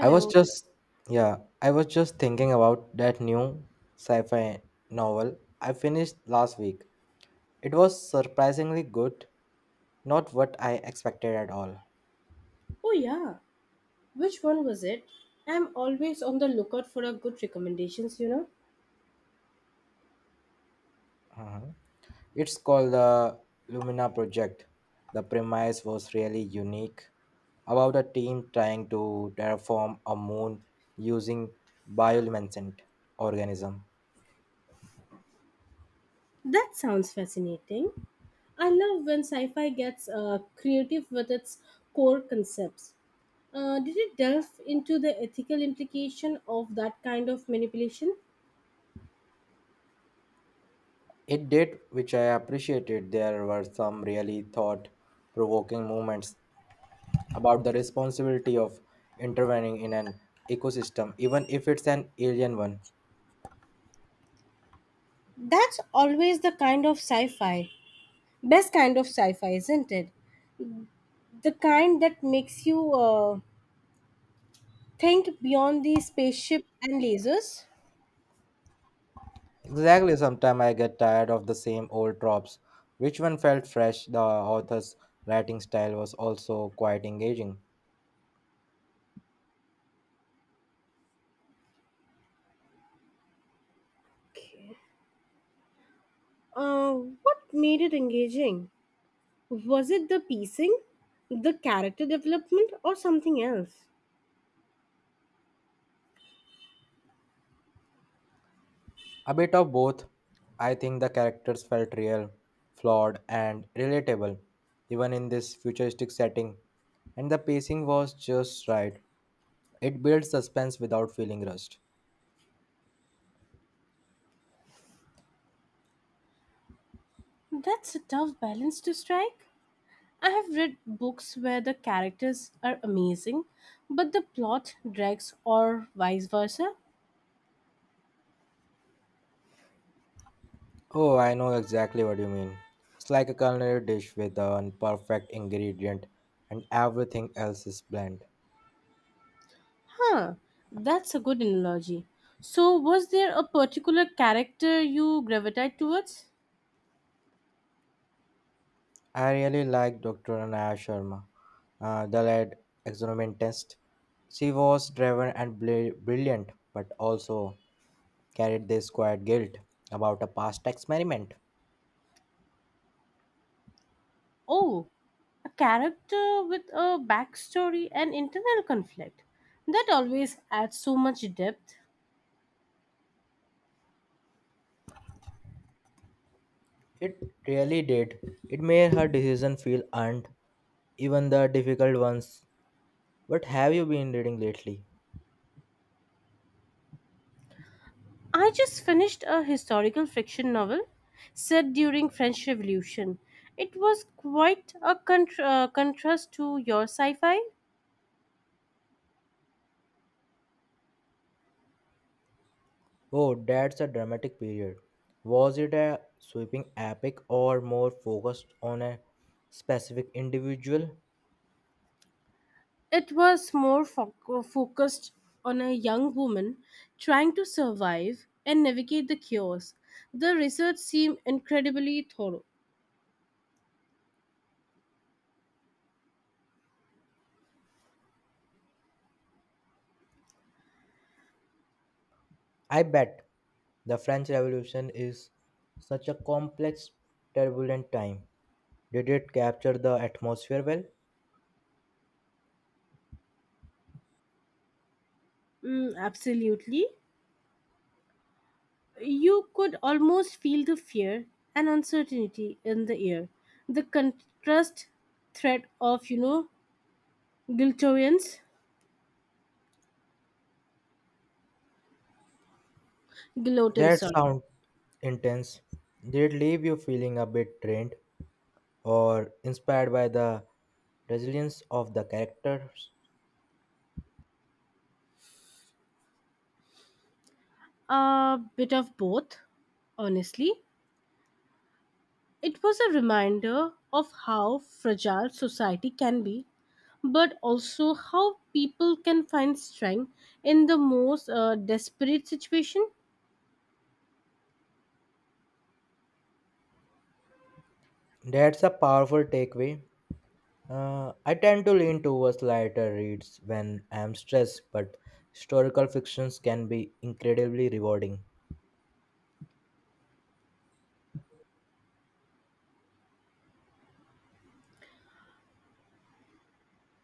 I was just, yeah, I was just thinking about that new sci fi novel I finished last week. It was surprisingly good, not what I expected at all. Oh yeah. Which one was it? I'm always on the lookout for a good recommendations, Uh-huh. It's called the Lumina Project. The premise was really unique about a team trying to terraform a moon using bioluminescent organism. That sounds fascinating. I love when sci-fi gets creative with its core concepts. Did it delve into the ethical implication of that kind of manipulation? It did, which I appreciated. There were some really thought provoking moments about the responsibility of intervening in an ecosystem, even if it's an alien one. That's always the kind of sci-fi. Best kind of sci-fi, isn't it? The kind that makes you think beyond the spaceship and lasers. Exactly, sometimes I get tired of the same old tropes. Which one felt fresh? The author's writing style was also quite engaging. Okay. Uh, what made it engaging? Was it the pacing, the character development, or something else? A bit of both. I think the characters felt real, flawed, and relatable, even in this futuristic setting. And the pacing was just right. It built suspense without feeling rushed. That's a tough balance to strike. I have read books where the characters are amazing, but the plot drags, or vice versa. Oh, I know exactly what you mean. It's like a culinary dish with an perfect ingredient and everything else is bland. Huh, that's a good analogy. So, was there a particular character you gravitate towards? I really like Dr. Anaya Sharma, the lead experimentist. She was driven and brilliant, but also carried this quiet guilt about a past experiment. Oh, a character with a backstory and internal conflict. That always adds so much depth. It really did. It made her decision feel earned, even the difficult ones. What have you been reading lately? I just finished a historical fiction novel set during French Revolution. It was quite a contrast to your sci-fi. Oh, that's a dramatic period. Was it a sweeping epic or more focused on a specific individual? It was focused on a young woman trying to survive and navigate the chaos. The research seemed incredibly thorough. I bet the French Revolution is such a complex, turbulent time. Did it capture the atmosphere well? Mm, absolutely. You could almost feel the fear and uncertainty in the air. The contrast threat of, you know, Giltorians, Gilotin, That sorry. sounds intense. Did it leave you feeling a bit drained or inspired by the resilience of the characters? A bit of both, honestly. It was a reminder of how fragile society can be, but also how people can find strength in the most desperate situation. That's a powerful takeaway. I tend to lean towards lighter reads when I am stressed, but historical fictions can be incredibly rewarding.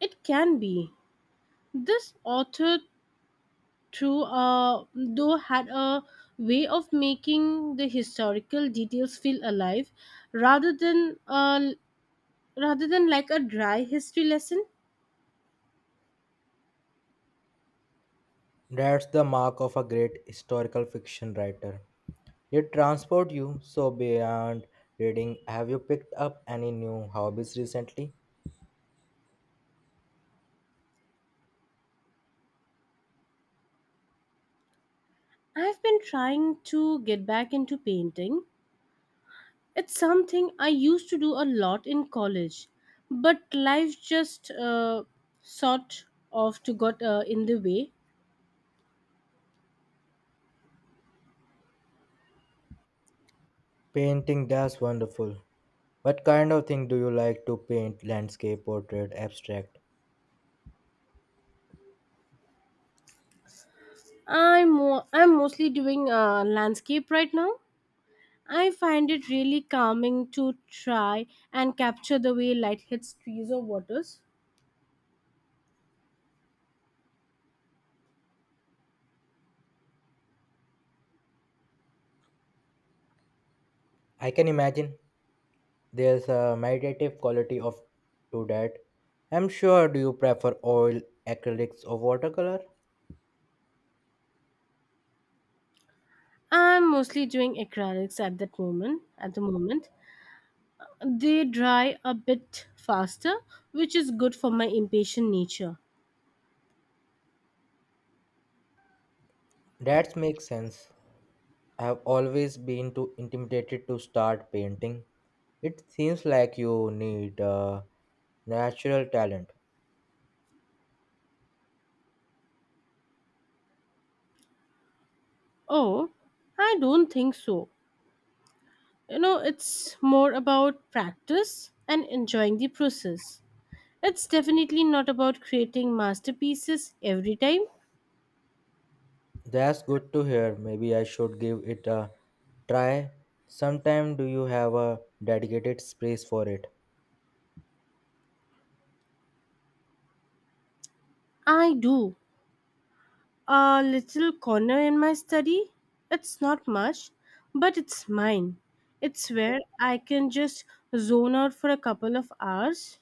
It can be. This author True, though had a way of making the historical details feel alive, rather than uh, rather than like a dry history lesson. That's the mark of a great historical fiction writer. They transport you so beyond reading. Have you picked up any new hobbies recently? I've been trying to get back into painting. It's something I used to do a lot in college, but life just sort of to got in the way. Painting, that's wonderful. What kind of thing do you like to paint? Landscape, portrait, abstract? I'm mostly doing landscape right now. I find it really calming to try and capture the way light hits trees or waters. I can imagine. There's a meditative quality of to that. I'm sure do you prefer oil, acrylics or watercolor? I'm mostly doing acrylics at that moment. At the moment, they dry a bit faster, which is good for my impatient nature. That makes sense. I've always been too intimidated to start painting. It seems like you need a natural talent. Oh, I don't think so. You know, it's more about practice and enjoying the process. It's definitely not about creating masterpieces every time. That's good to hear. Maybe I should give it a try. Sometime do you have a dedicated space for it? I do, a little corner in my study. It's not much, but it's mine. It's where I can just zone out for a couple of hours.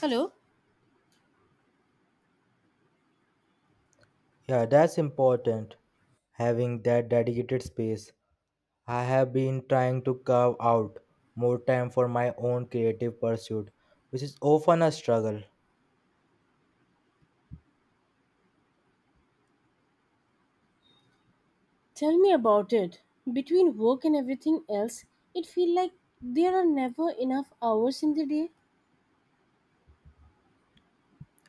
Hello? Yeah, that's important having that dedicated space. I have been trying to carve out more time for my own creative pursuit, which is often a struggle. Tell me about it. Between work and everything else, it feels like there are never enough hours in the day.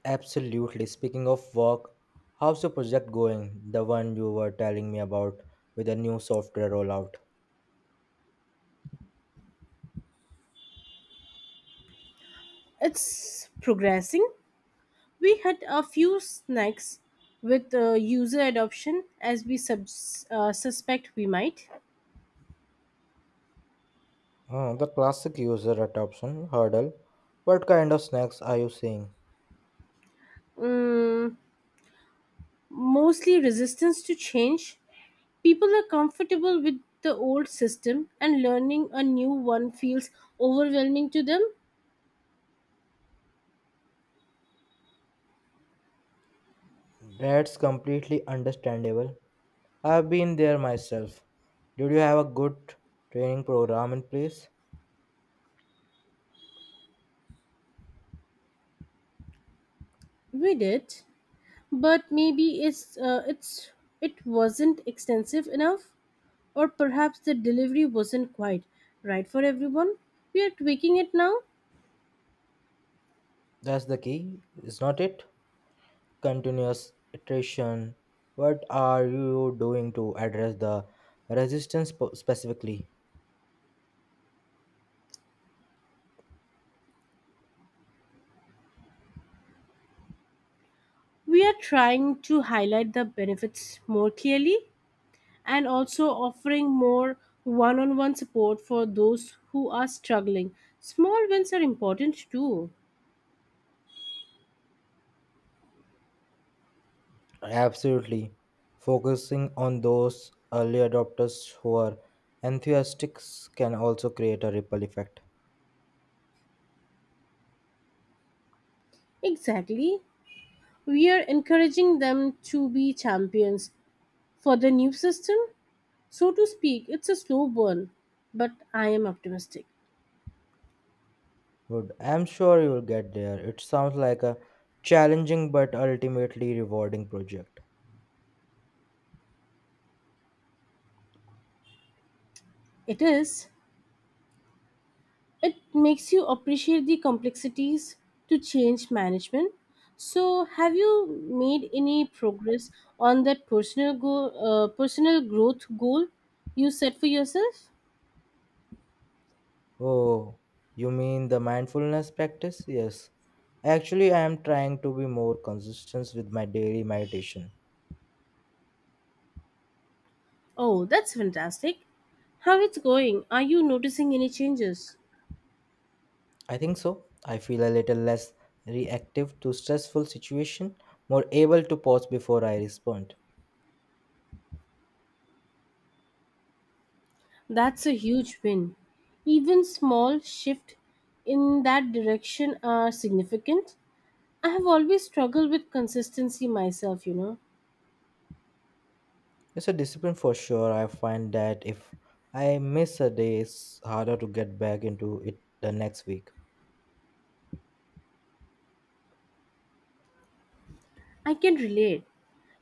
Absolutely. Speaking of work, how's the project going? The one you were telling me about with the new software rollout. It's progressing. We had a few snacks with user adoption as we suspect we might. Oh, the classic user adoption hurdle. What kind of snacks are you seeing? Mm, mostly resistance to change. People are comfortable with the old system and learning a new one feels overwhelming to them. That's completely understandable. I've been there myself. Did you have a good training program in place? We did, but maybe it's it wasn't extensive enough, or perhaps the delivery wasn't quite right for everyone. We are tweaking it now. That's the key, is not it? Continuous attrition. What are you doing to address the resistance specifically? We are trying to highlight the benefits more clearly, and also offering more one-on-one support for those who are struggling. Small wins are important too. Absolutely. Focusing on those early adopters who are enthusiastics can also create a ripple effect. Exactly. We are encouraging them to be champions for the new system, so to speak. It's a slow burn, but I am optimistic. Good. I'm sure you will get there. It sounds like a challenging but ultimately rewarding project. It is. It makes you appreciate the complexities to change management. So, have you made any progress on that personal growth goal you set for yourself? Oh, you mean the mindfulness practice? Yes. Actually, I am trying to be more consistent with my daily meditation. Oh, that's fantastic. How it's going? Are you noticing any changes? I think so. I feel a little less reactive to stressful situation, more able to pause before I respond. That's a huge win. Even small shift in that direction are significant. I have always struggled with consistency myself. It's a discipline for sure. I find that if I miss a day, it's harder to get back into it the next week. I can relate.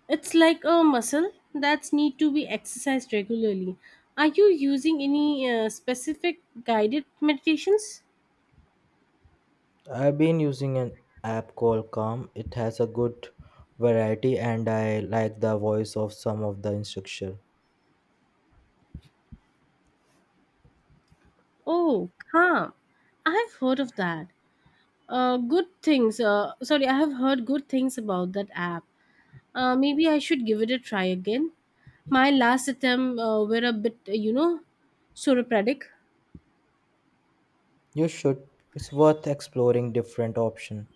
It's like a muscle that's need to be exercised regularly. Are you using any specific guided meditations? I've been using an app called Calm. It has a good variety and I like the voice of some of the instructor. Oh, calm. I have heard of that. Good things. Sorry, I have heard good things about that app. Maybe I should give it a try again. My last attempt were a bit soropradic. You should. It's worth exploring different options.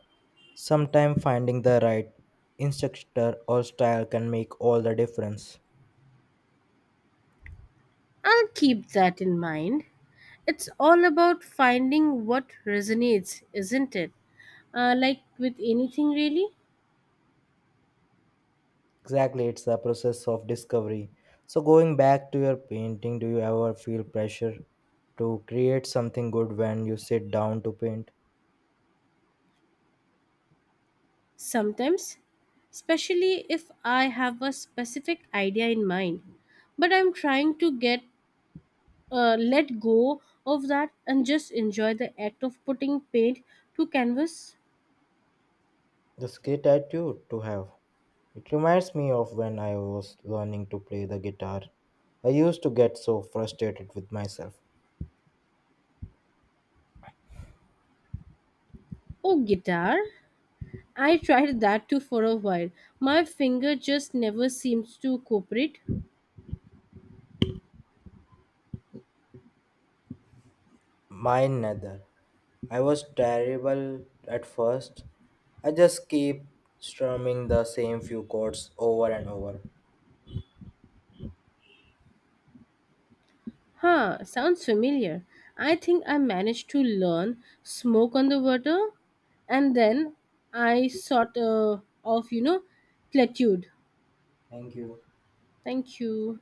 Sometimes finding the right instructor or style can make all the difference. I'll keep that in mind. It's all about finding what resonates, isn't it? Like with anything, really? Exactly, it's a process of discovery. So, going back to your painting, do you ever feel pressure to create something good when you sit down to paint? Sometimes, especially if I have a specific idea in mind. But I'm trying to get let go of that and just enjoy the act of putting paint to canvas. That's a great attitude to have. It reminds me of when I was learning to play the guitar. I used to get so frustrated with myself. Oh, guitar. I tried that too for a while. My finger just never seems to cooperate. Mine neither. I was terrible at first. I just keep strumming the same few chords over and over. Huh, sounds familiar. I think I managed to learn smoke on the water and then I sort of plateaued. Thank you. Thank you.